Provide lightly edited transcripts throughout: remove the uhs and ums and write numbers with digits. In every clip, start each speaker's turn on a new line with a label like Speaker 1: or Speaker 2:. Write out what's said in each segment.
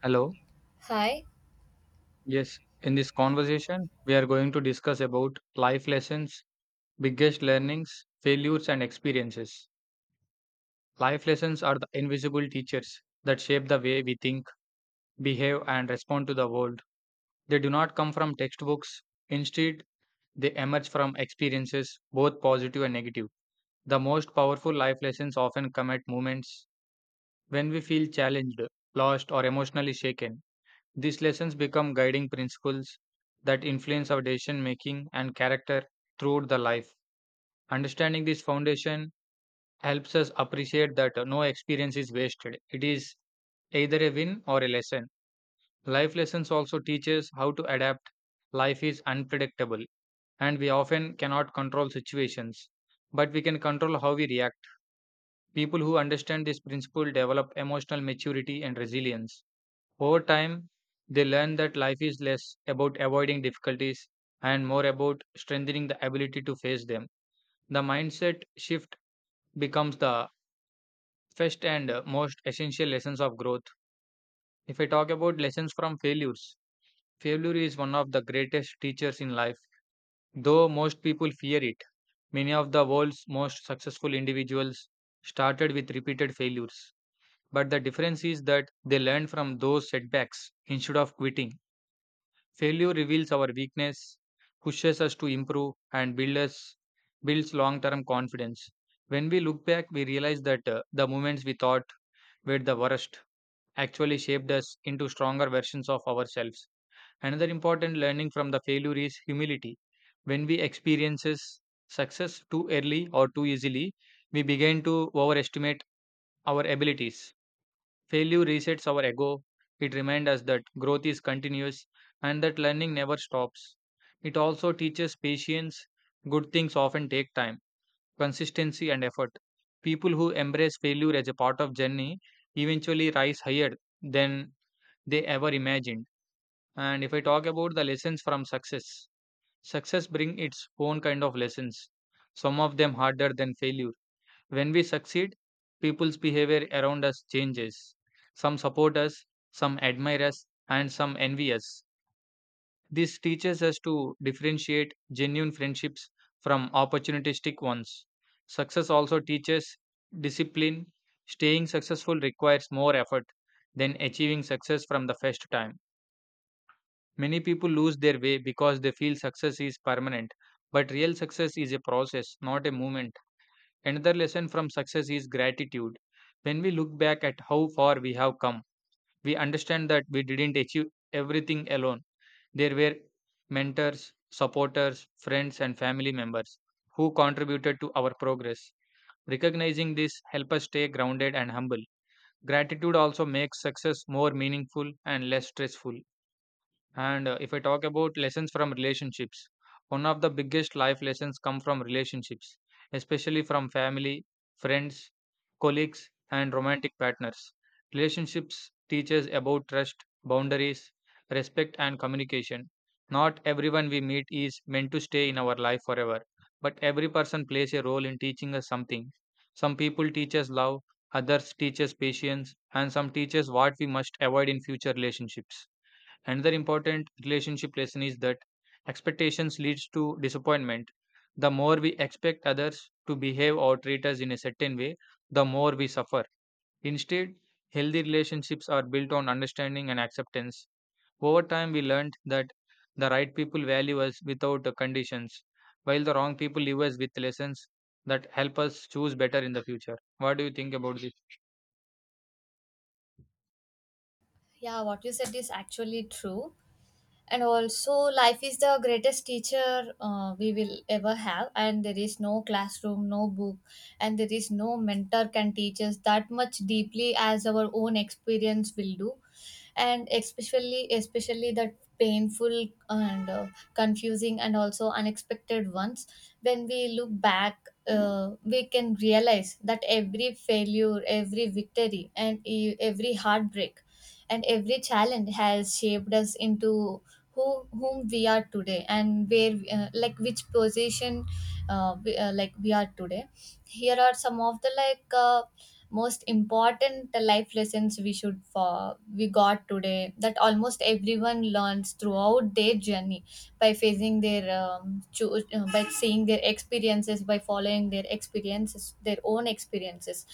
Speaker 1: Hello.
Speaker 2: Hi.
Speaker 1: Yes, in this conversation, we are going to discuss about life lessons, biggest learnings, failures, and experiences. Life lessons are the invisible teachers that shape the way we think, behave, and respond to the world. They do not come from textbooks. Instead, they emerge from experiences, both positive and negative. The most powerful life lessons often come at moments when we feel challenged, lost, or emotionally shaken. These lessons become guiding principles that influence our decision making and character throughout the life. Understanding this foundation helps us appreciate that no experience is wasted. It is either a win or a lesson. Life lessons also teach us how to adapt. Life is unpredictable and we often cannot control situations, but we can control how we react. People who understand this principle develop emotional maturity and resilience. Over time, they learn that life is less about avoiding difficulties and more about strengthening the ability to face them. The mindset shift becomes the first and most essential lessons of growth. If I talk about lessons from failures, failure is one of the greatest teachers in life. Though most people fear it, many of the world's most successful individuals started with repeated failures. But the difference is that they learned from those setbacks instead of quitting. Failure reveals our weakness, pushes us to improve, and builds long term confidence. When we look back, we realize that the moments we thought were the worst actually shaped us into stronger versions of ourselves. Another important learning from the failure is humility. When we experiences success too early or too easily, we begin to overestimate our abilities. Failure resets our ego. It reminds us that growth is continuous and that learning never stops. It also teaches patience. Good things often take time, consistency, and effort. People who embrace failure as a part of journey eventually rise higher than they ever imagined. And if I talk about the lessons from success, success brings its own kind of lessons, some of them harder than failure. When we succeed, people's behavior around us changes. Some support us, some admire us, and some envy us. This teaches us to differentiate genuine friendships from opportunistic ones. Success also teaches discipline. Staying successful requires more effort than achieving success from the first time. Many people lose their way because they feel success is permanent, but real success is a process, not a movement. Another lesson from success is gratitude. When we look back at how far we have come, we understand that we didn't achieve everything alone. There were mentors, supporters, friends, and family members who contributed to our progress. Recognizing this helps us stay grounded and humble. Gratitude also makes success more meaningful and less stressful. And if I talk about lessons from relationships, one of the biggest life lessons come from relationships, especially from family, friends, colleagues, and romantic partners. Relationships teach us about trust, boundaries, respect, and communication. Not everyone we meet is meant to stay in our life forever, but every person plays a role in teaching us something. Some people teach us love, others teach us patience, and some teach us what we must avoid in future relationships. Another important relationship lesson is that expectations leads to disappointment. The more we expect others to behave or treat us in a certain way, the more we suffer. Instead, healthy relationships are built on understanding and acceptance. Over time, we learned that the right people value us without conditions, while the wrong people leave us with lessons that help us choose better in the future. What do you think about this?
Speaker 2: Yeah, what you said is actually true. And also life is the greatest teacher we will ever have, and there is no classroom, no book, and there is no mentor can teach us that much deeply as our own experience will do, and especially the painful and confusing and also unexpected ones. When we look back, we can realize that every failure, every victory, and every heartbreak and every challenge has shaped us into whom we are today, and where like which position like we are today. Here are some of the most important life lessons we should we got today that almost everyone learns throughout their journey by facing their by seeing their experiences, by following their experiences, their own experiences.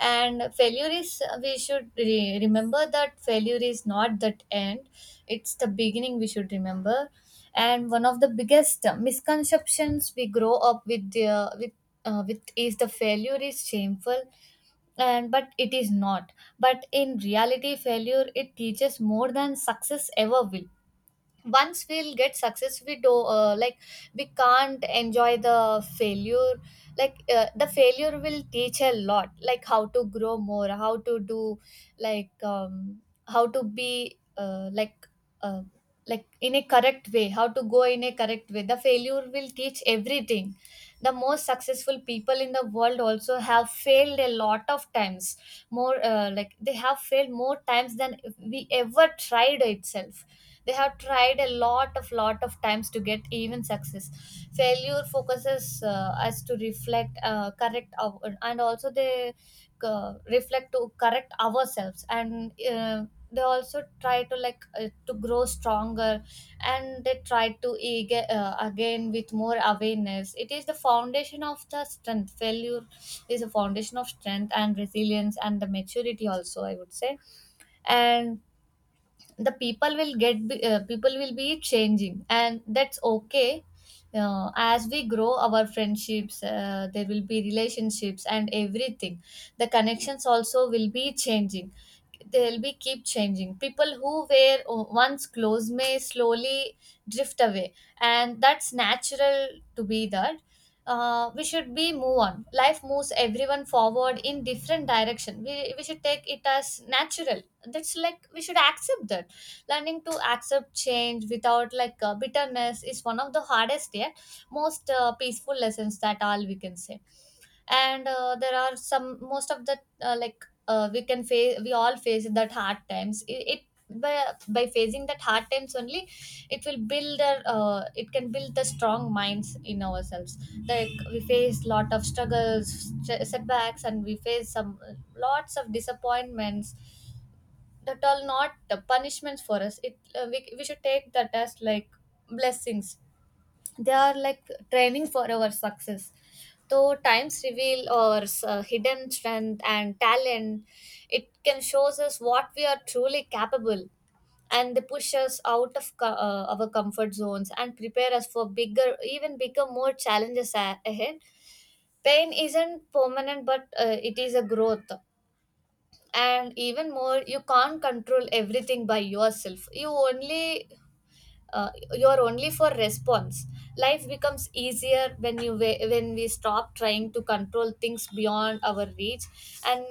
Speaker 2: And failure is, we should remember that failure is not that end, it's the beginning, we should remember. And one of the biggest misconceptions we grow up with is the failure is shameful, and but it is not. But in reality, failure, it teaches more than success ever will. Once we'll get success, we do like we can't enjoy the failure. The failure will teach a lot, like how to grow more, how to do, like um, how to be uh, like in a correct way, how to go in a correct way, the failure will teach everything. The most successful people in the world also have failed a lot of times. More like, they have failed more times than we ever tried itself. They have tried a lot of times to get even success. Failure focuses us to reflect correct and also they reflect to correct ourselves, and they also try to to grow stronger, and they try to again with more awareness. It is the foundation of the strength. Failure is a foundation of strength and resilience and the maturity also, I would say. And the people will get people will be changing, and that's okay. As we grow, our friendships, there will be relationships and everything, the connections also will be changing. They'll be keep changing. People who were once close may slowly drift away, and that's natural to be that. We should be move on. Life moves everyone forward in different direction. We should take it as natural. That's like we should accept that. Learning to accept change without bitterness is one of the hardest yet most peaceful lessons that all, we can say. And there are some, most of the we can face, we all face that hard times. By, by facing that hard times only, it will build it can build the strong minds in ourselves. Like, we face lot of struggles, setbacks, and we face some lots of disappointments. That all not the punishments for us. We should take that as like blessings. They are like training for our success. Though times reveal our hidden strength and talent. It can shows us what we are truly capable, and they push us out of our comfort zones and prepare us for bigger even bigger more challenges ahead. Pain isn't permanent, but it is a growth. And even more, you can't control everything by yourself. You only you're only for response. Life becomes easier when when we stop trying to control things beyond our reach. And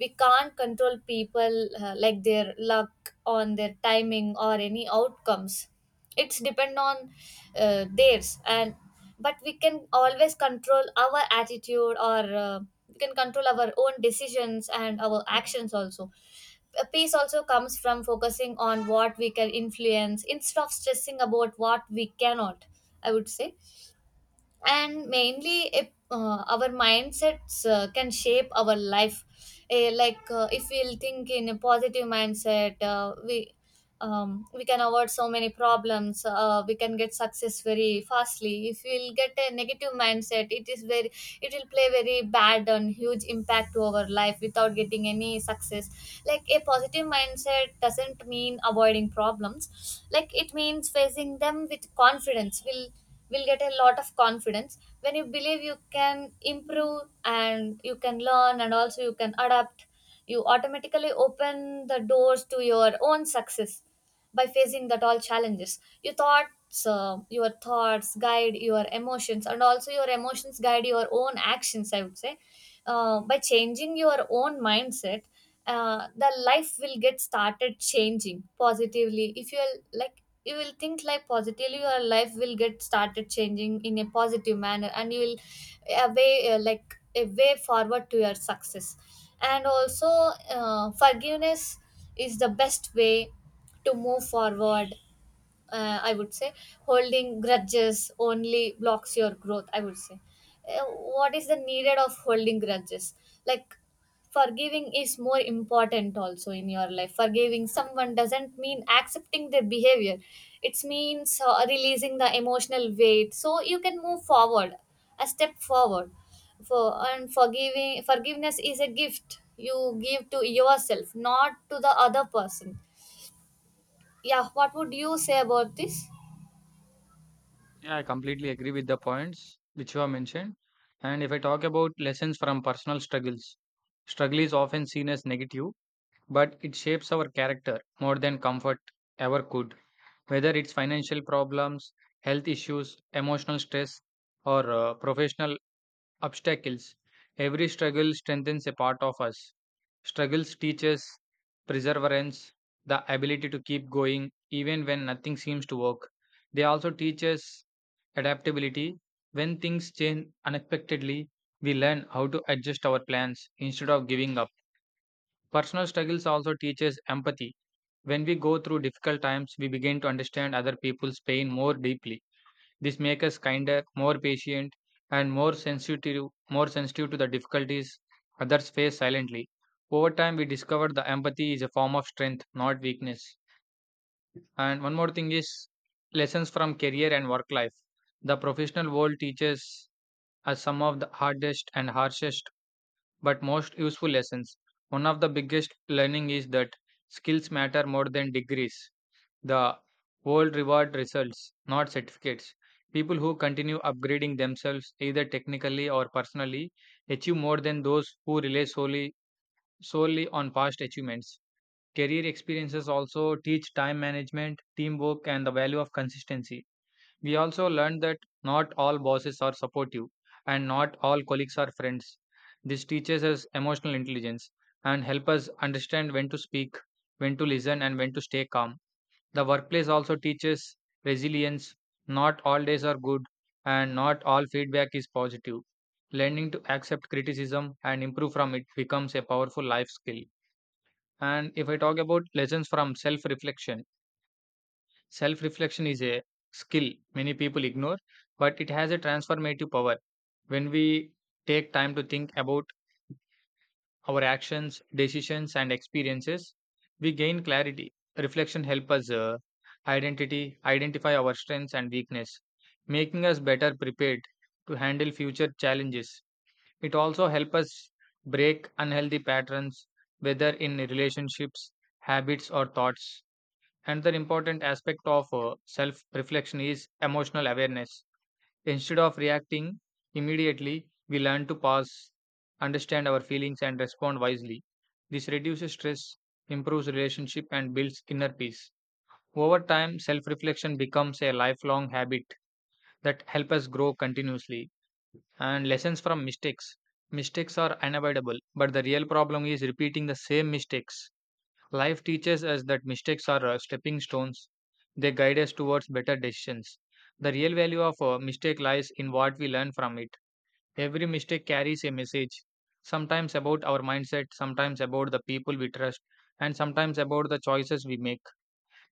Speaker 2: we can't control people, like their luck on their timing or any outcomes. It's depend on theirs. And but we can always control our attitude, or we can control our own decisions and our actions also. Peace also comes from focusing on what we can influence instead of stressing about what we cannot, I would say. And mainly, if our mindsets can shape our life. Like, if we'll think in a positive mindset, we can avoid so many problems. We can get success very fastly. If we'll get a negative mindset, it is very, it will play very bad and huge impact to our life without getting any success. Like, a positive mindset doesn't mean avoiding problems. Like, it means facing them with confidence. Will get a lot of confidence when you believe you can improve, and you can learn, and also you can adapt. You automatically open the doors to your own success by facing that all challenges. Your thoughts, your thoughts guide your emotions, and also your emotions guide your own actions, I would say. By changing your own mindset, the life will get started changing positively. If you are like, you will think like positively, your life will get started changing in a positive manner, and you will a way, like a way forward to your success. And also, forgiveness is the best way to move forward, I would say. Holding grudges only blocks your growth, I would say. Uh, what is the needed of holding grudges? Like, forgiving is more important also in your life. Forgiving someone doesn't mean accepting their behavior. It means releasing the emotional weight, so you can move forward, a step forward. For and forgiving Forgiveness is a gift you give to yourself, not to the other person. Yeah, what would you say about this?
Speaker 1: Yeah, I completely agree with the points which you have mentioned. And if I talk about lessons from personal struggles, struggle is often seen as negative, but it shapes our character more than comfort ever could. Whether it's financial problems, health issues, emotional stress, or professional obstacles, every struggle strengthens a part of us. Struggles teach us perseverance, the ability to keep going even when nothing seems to work. They also teach us adaptability when things change unexpectedly we learn how to adjust our plans instead of giving up. Personal struggles also teaches empathy. When we go through difficult times we begin to understand other people's pain more deeply. This makes us kinder, more patient, and more sensitive to the difficulties others face silently. Over time we discover the empathy is a form of strength, not weakness. And one more thing is lessons from career and work life. The professional world teaches as some of the hardest and harshest but most useful lessons. One of the biggest learning is that skills matter more than degrees. The world reward results, not certificates. People who continue upgrading themselves either technically or personally achieve more than those who rely solely on past achievements. Career experiences also teach time management, teamwork, and the value of consistency. We also learned that not all bosses are supportive and not all colleagues are friends. This teaches us emotional intelligence and help us understand when to speak, when to listen, and when to stay calm. The workplace also teaches resilience. Not all days are good and not all feedback is positive. Learning to accept criticism and improve from it becomes a powerful life skill. And if I talk about lessons from self reflection, self reflection is a skill many people ignore, but it has a transformative power. When we take time to think about our actions, decisions, and experiences, we gain clarity. Reflection helps us identify our strengths and weakness, making us better prepared to handle future challenges. It also helps us break unhealthy patterns, whether in relationships, habits, or thoughts. Another important aspect of self reflection is emotional awareness. Instead of reacting immediately, we learn to pause, understand our feelings, and respond wisely. This reduces stress, improves relationship, and builds inner peace. Over time, self reflection becomes a lifelong habit that helps us grow continuously. And lessons from mistakes. Mistakes are unavoidable, but the real problem is repeating the same mistakes. Life teaches us that mistakes are stepping stones. They guide us towards better decisions. The real value of a mistake lies in what we learn from it. Every mistake carries a message, sometimes about our mindset, sometimes about the people we trust, and sometimes about the choices we make.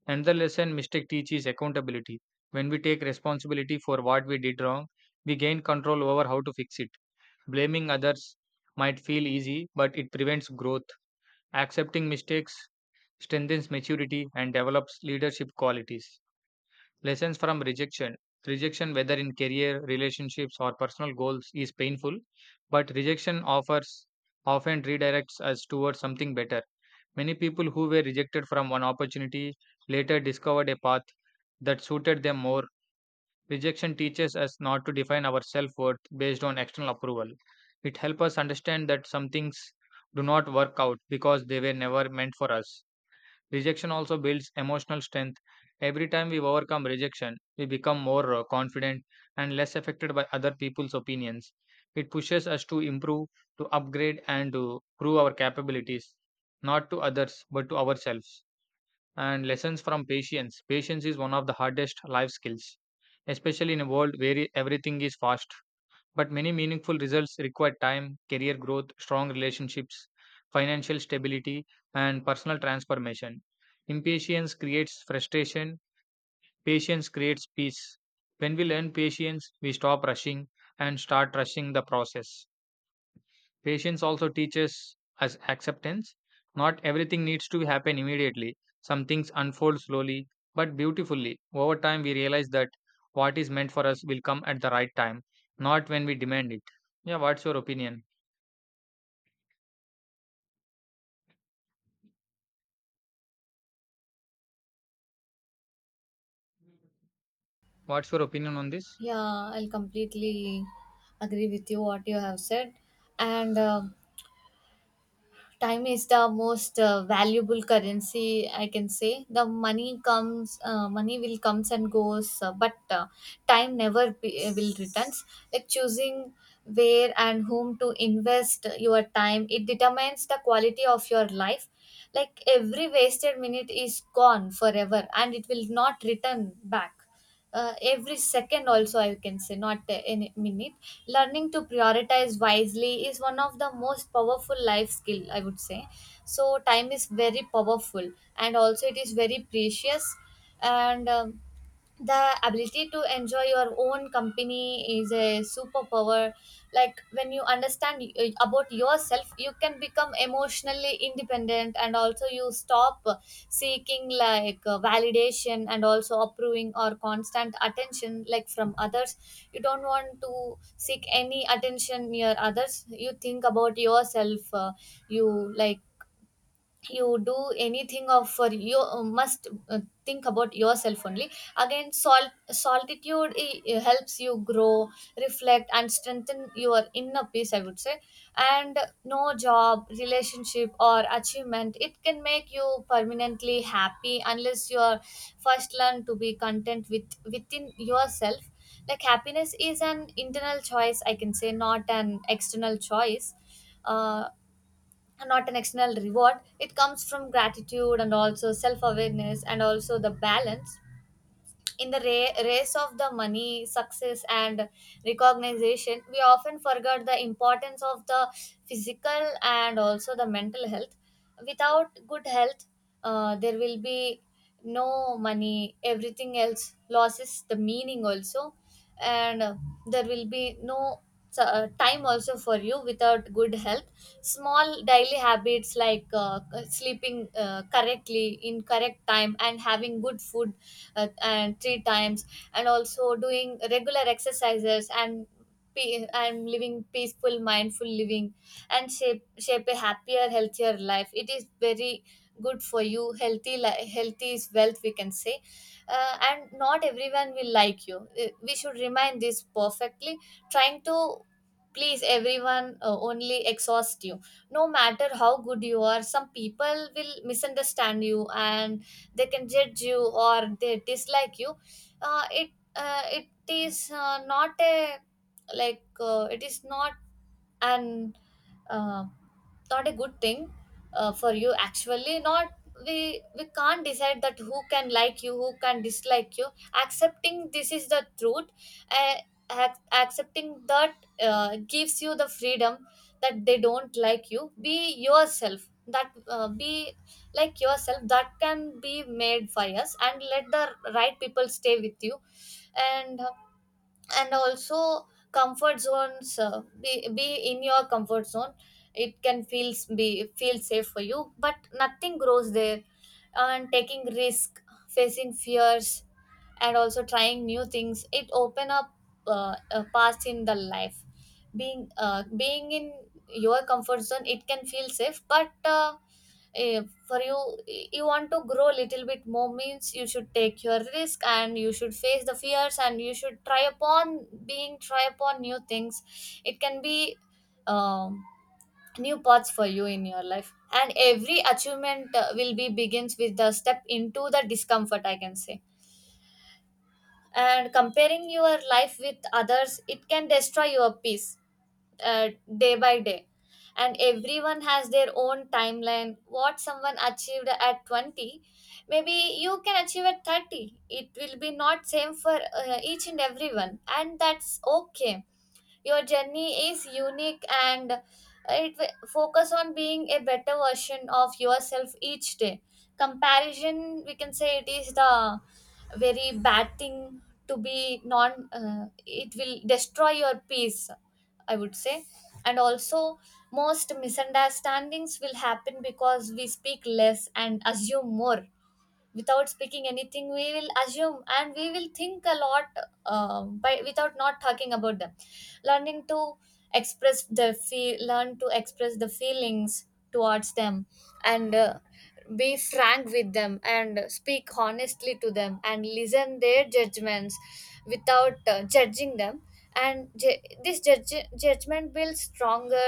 Speaker 1: Another lesson mistake teaches accountability. When we take responsibility for what we did wrong, we gain control over how to fix it. Blaming others might feel easy, but it prevents growth. Accepting mistakes strengthens maturity and develops leadership qualities. Lessons from rejection. Rejection, whether in career, relationships, or personal goals, is painful, but rejection offers often redirects us towards something better. Many people who were rejected from one opportunity later discovered a path that suited them more. Rejection teaches us not to define our self worth based on external approval. It helps us understand that some things do not work out because they were never meant for us. Rejection also builds emotional strength. Every time we overcome rejection, we become more confident and less affected by other people's opinions. It pushes us to improve, to upgrade, and to prove our capabilities, not to others, but to ourselves. And lessons from patience. Patience is one of the hardest life skills, especially in a world where everything is fast. But many meaningful results require time, career growth, strong relationships, financial stability, and personal transformation. Impatience creates frustration, patience creates peace. When we learn patience, we stop rushing and start trusting the process. Patience also teaches us acceptance. Not everything needs to happen immediately. Some things unfold slowly but beautifully. Over time, we realize that what is meant for us will come at the right time, not when we demand it. Yeah, what's your opinion? What's your opinion on this?
Speaker 2: Yeah, I'll completely agree with you what you have said. And time is the most valuable currency, I can say. The money comes, money will comes and goes, but time never will returns. Like, choosing where and whom to invest your time, it determines the quality of your life. Like, every wasted minute is gone forever, and it will not return back. Every second also, I can say, not in minute. Learning to prioritize wisely is one of the most powerful life skill, I would say. So time is very powerful, and also it is very precious. And the ability to enjoy your own company is a superpower. Like, when you understand about yourself, you can become emotionally independent, and also you stop seeking validation and also approving or constant attention like from others. You don't want to seek any attention near others. You think about yourself. You like, you do anything of for you, must think about yourself only. Again, salt solitude helps you grow, reflect, and strengthen your inner peace, I would say. And no job, relationship, or achievement, it can make you permanently happy, unless you are first learn to be content with within yourself. Like, happiness is an internal choice, I can say, not an external choice. Uh, and not an external reward. It comes from gratitude and also self awareness and also the balance. In the race of the money, success, and recognition, we often forget the importance of the physical and also the mental health. Without good health, there will be no money, everything else loses the meaning also, and there will be no so, time also for you without good health. Small daily habits, like sleeping correctly in correct time, and having good food, and three times, and also doing regular exercises, and and living peaceful, mindful living, and shape a happier, healthier life. It is very good for you. Healthy is wealth, we can say. And not everyone will like you. We should remind this perfectly. Trying to please everyone only exhaust you. No matter how good you are, some people will misunderstand you, and they can judge you or they dislike you. uh, it it is, not a, it is not an, uh, not a good thing for you actually, not. We can't decide that who can like you, who can dislike you. Accepting this is the truth. uh, Accepting that gives you the freedom that they don't like you. Be yourself, that be like yourself, that can be made by us, and let the right people stay with you. And and also, comfort zones, be in your comfort zone, it can feel safe for you, but nothing grows there. And taking risk, facing fears, and also trying new things, it open up a path in the life. Being in your comfort zone, it can feel safe, but eh, for you, you want to grow a little bit more means you should take your risk, and you should face the fears, and you should try upon, being try upon new things. It can be, um, new paths for you in your life. And every achievement will be begins with the step into the discomfort, I can say. And comparing your life with others, it can destroy your peace uh, day by day. And everyone has their own timeline. What someone achieved at 20, maybe you can achieve at 30. It will be not same for each and everyone, and that's okay. Your journey is unique, and it will focus on being a better version of yourself each day. Comparison, we can say, it is the very bad thing to be non it will destroy your peace, I would say. And also, most misunderstandings will happen because we speak less and assume more. Without speaking anything, we will assume and we will think a lot, by without not talking about them. Learning to express the feel, learn to express the feelings towards them, and be frank with them and speak honestly to them and listen their judgments without judging them. And judgment builds stronger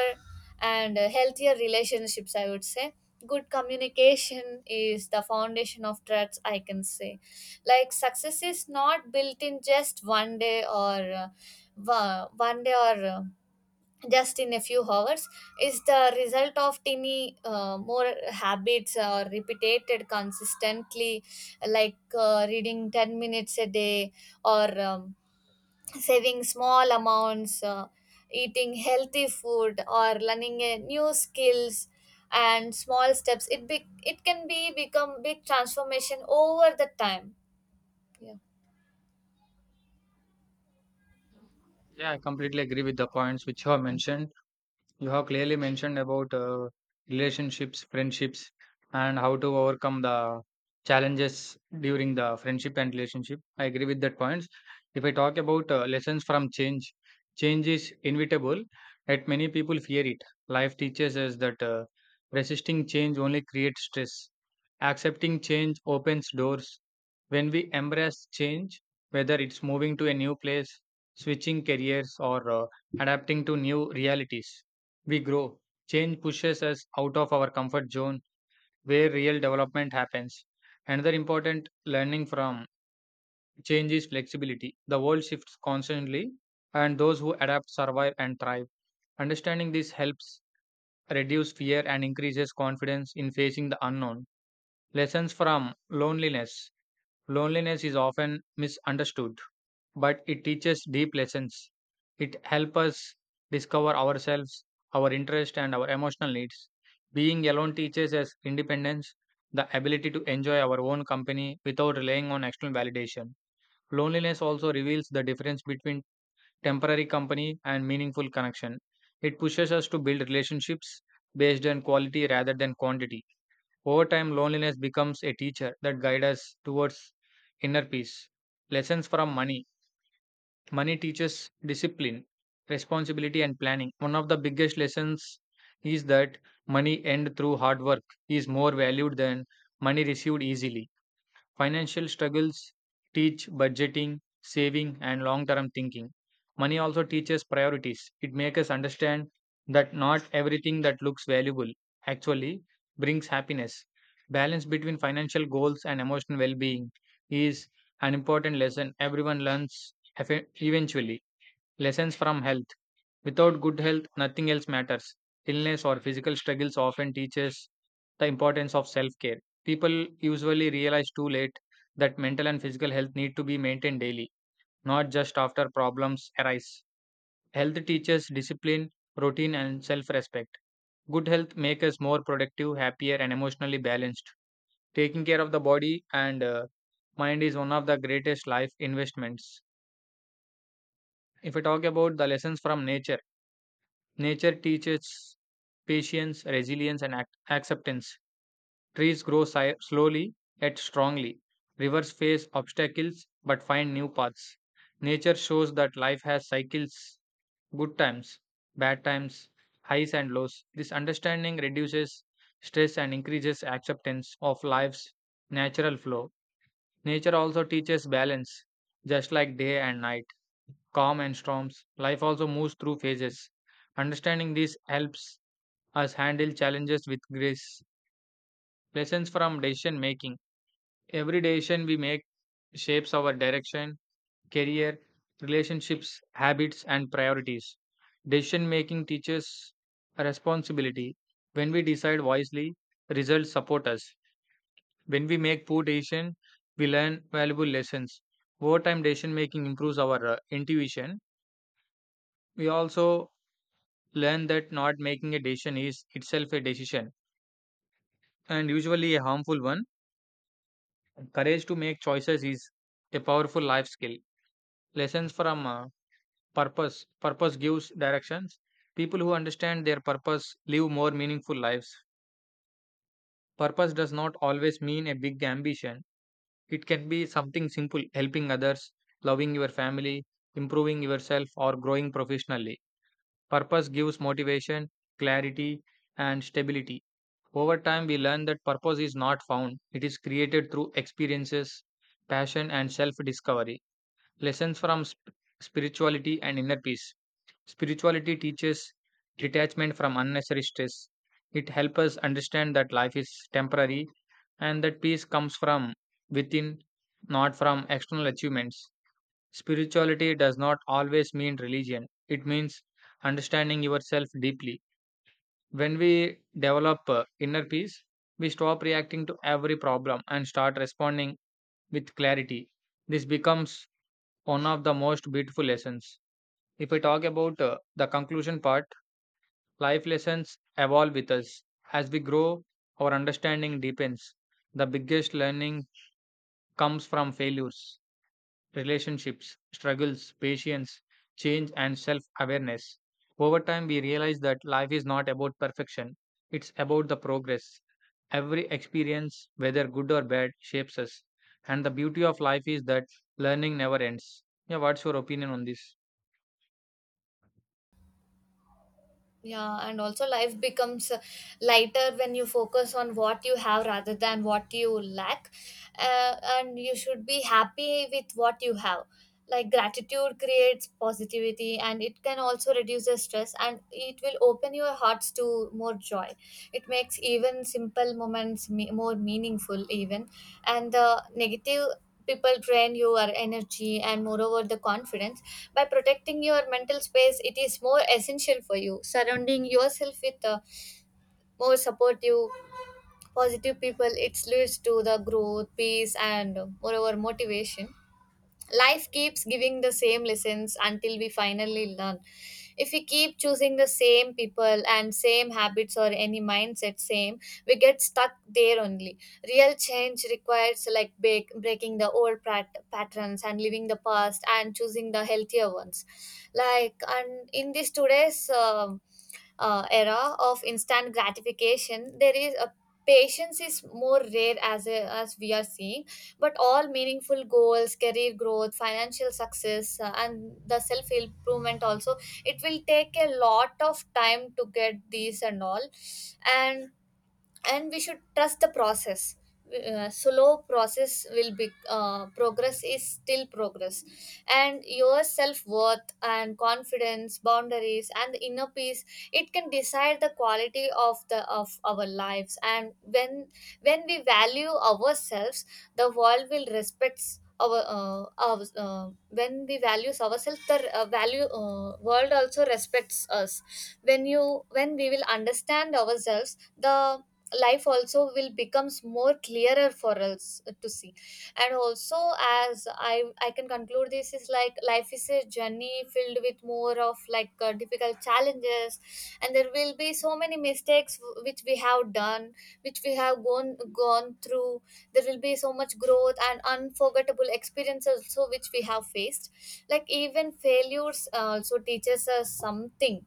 Speaker 2: and healthier relationships, I would say. Good communication is the foundation of trust, I can say. Like, success is not built in just 1 day 1 day or just in a few hours. Is the result of tiny more habits or repeated consistently, like reading 10 minutes a day, or saving small amounts, eating healthy food, or learning a new skills. And small steps, It be it can be become big transformation over the time. Yeah.
Speaker 1: Yeah, I completely agree with the points which you have mentioned. You have clearly mentioned about relationships, friendships, and how to overcome the challenges during the friendship and relationship. I agree with that points. If I talk about lessons from change, change is inevitable, yet many people fear it. Life teaches us that resisting change only creates stress. Accepting change opens doors. When we embrace change, whether it's moving to a new place, switching careers, or adapting to new realities we grow. Change pushes us out of our comfort zone where real development happens. Another important learning from change is flexibility. The world shifts constantly, and those who adapt survive and thrive. Understanding this helps reduce fear and increases confidence in facing the unknown. Lessons from loneliness. Loneliness is often misunderstood but it teaches deep lessons. It helps us discover ourselves, our interests, and our emotional needs. Being alone teaches us independence, the ability to enjoy our own company without relying on external validation. Loneliness also reveals the difference between temporary company and meaningful connection. It pushes us to build relationships based on quality rather than quantity. Over time, loneliness becomes a teacher that guides us towards inner peace. Lessons from money. Money teaches discipline, responsibility, and planning. One of the biggest lessons is that money earned through hard work is more valued than money received easily. Financial struggles teach budgeting, saving, and long term thinking. Money also teaches priorities. It makes us understand that not everything that looks valuable actually brings happiness. Balance between financial goals and emotional well being is an important lesson everyone learns eventually. Lessons from health. Without good health, nothing else matters. Illness or physical struggles often teaches the importance of self-care. People usually realize too late that mental and physical health need to be maintained daily, not just after problems arise. Health teaches discipline, routine, and self-respect. Good health makes us more productive, happier, and emotionally balanced. Taking care of the body and mind is one of the greatest life investments. If I talk about the lessons from nature, nature teaches patience, resilience, and acceptance. Trees grow slowly yet strongly. Rivers face obstacles but find new paths. Nature shows that life has cycles: good times, bad times, highs and lows. This understanding reduces stress and increases acceptance of life's natural flow. Nature also teaches balance, just like day and night, calm and storms. Life also moves through phases. Understanding this helps us handle challenges with grace. Lessons from decision making. Every decision we make shapes our direction, career, relationships, habits, and priorities. Decision making teaches responsibility. When we decide wisely, results support us. When we make poor decisions, we learn valuable lessons. Over time, decision making improves our intuition. We also learn that not making a decision is itself a decision and usually a harmful one. Courage to make choices is a powerful life skill. Lessons from purpose. Purpose gives directions. People who understand their purpose live more meaningful lives. Purpose does not always mean a big ambition. It can be something simple: helping others, loving your family, improving yourself, or growing professionally. Purpose gives motivation, clarity, and stability. Over time, we learn that purpose is not found, it is created through experiences, passion, and self discovery. Lessons from spirituality and inner peace. Spirituality teaches detachment from unnecessary stress. It helps us understand that life is temporary and that peace comes from within, not from external achievements. Spirituality does not always mean religion, it means understanding yourself deeply. When we develop inner peace, we stop reacting to every problem and start responding with clarity. This becomes one of the most beautiful lessons. If we talk about the conclusion part, life lessons evolve with us. As we grow, our understanding deepens. The biggest learning comes from failures, relationships, struggles, patience, change, and self awareness. Over time, we realize that life is not about perfection, it's about the progress. Every experience, whether good or bad, shapes us. And the beauty of life is that learning never ends. Yeah, what's your opinion on this?
Speaker 2: Yeah, and also life becomes lighter when you focus on what you have rather than what you lack. And you should be happy with what you have. Like, gratitude creates positivity, and it can also reduce the stress, and it will open your hearts to more joy. It makes even simple moments more meaningful, even. And the negative people drain your energy, and moreover the confidence. By protecting your mental space, it is more essential for you. Surrounding yourself with more supportive positive people, it leads to the growth, peace, and moreover motivation. Life keeps giving the same lessons until we finally learn. If we keep choosing the same people and same habits or any mindset same, we get stuck there only. Real change requires like breaking the old patterns and leaving the past and choosing the healthier ones. Like, and in this today's era of instant gratification, there is a patience is more rare as we are seeing. But all meaningful goals, career growth, financial success, and the self improvement also, it will take a lot of time to get these and all. And we should trust the process. Slow process will be, progress is still progress. And your self-worth and confidence, boundaries, and the inner peace, it can decide the quality of the of our lives. And when we value ourselves, the world will respect our uh, when we values ourselves, the value world also respects us. When you when we will understand ourselves, the life also will becomes more clearer for us to see. And also, as I can conclude, this is like, life is a journey filled with more of like difficult challenges. And there will be so many mistakes which we have done, which we have gone through. There will be so much growth and unforgettable experiences also which we have faced. Like, even failures also teaches us something.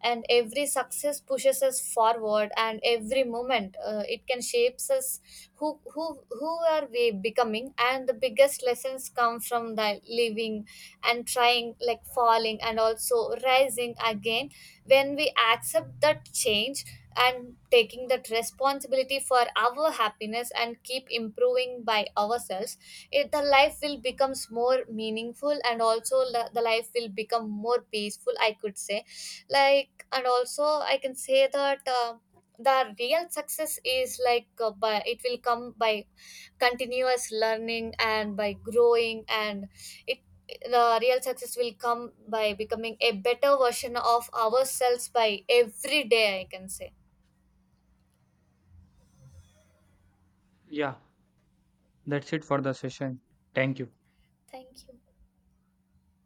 Speaker 2: And every success pushes us forward, and every moment it can shapes us, who are we becoming. And the biggest lessons come from the living and trying, like falling and also rising again. When we accept that change and taking that responsibility for our happiness and keep improving by ourselves, the life will becomes more meaningful, and also the life will become more peaceful, I could say. Like, and also I can say that the real success is like, by it will come by continuous learning and by growing. And it the real success will come by becoming a better version of ourselves by every day, I can say.
Speaker 1: Yeah, that's it for the session. Thank you.
Speaker 2: Thank you.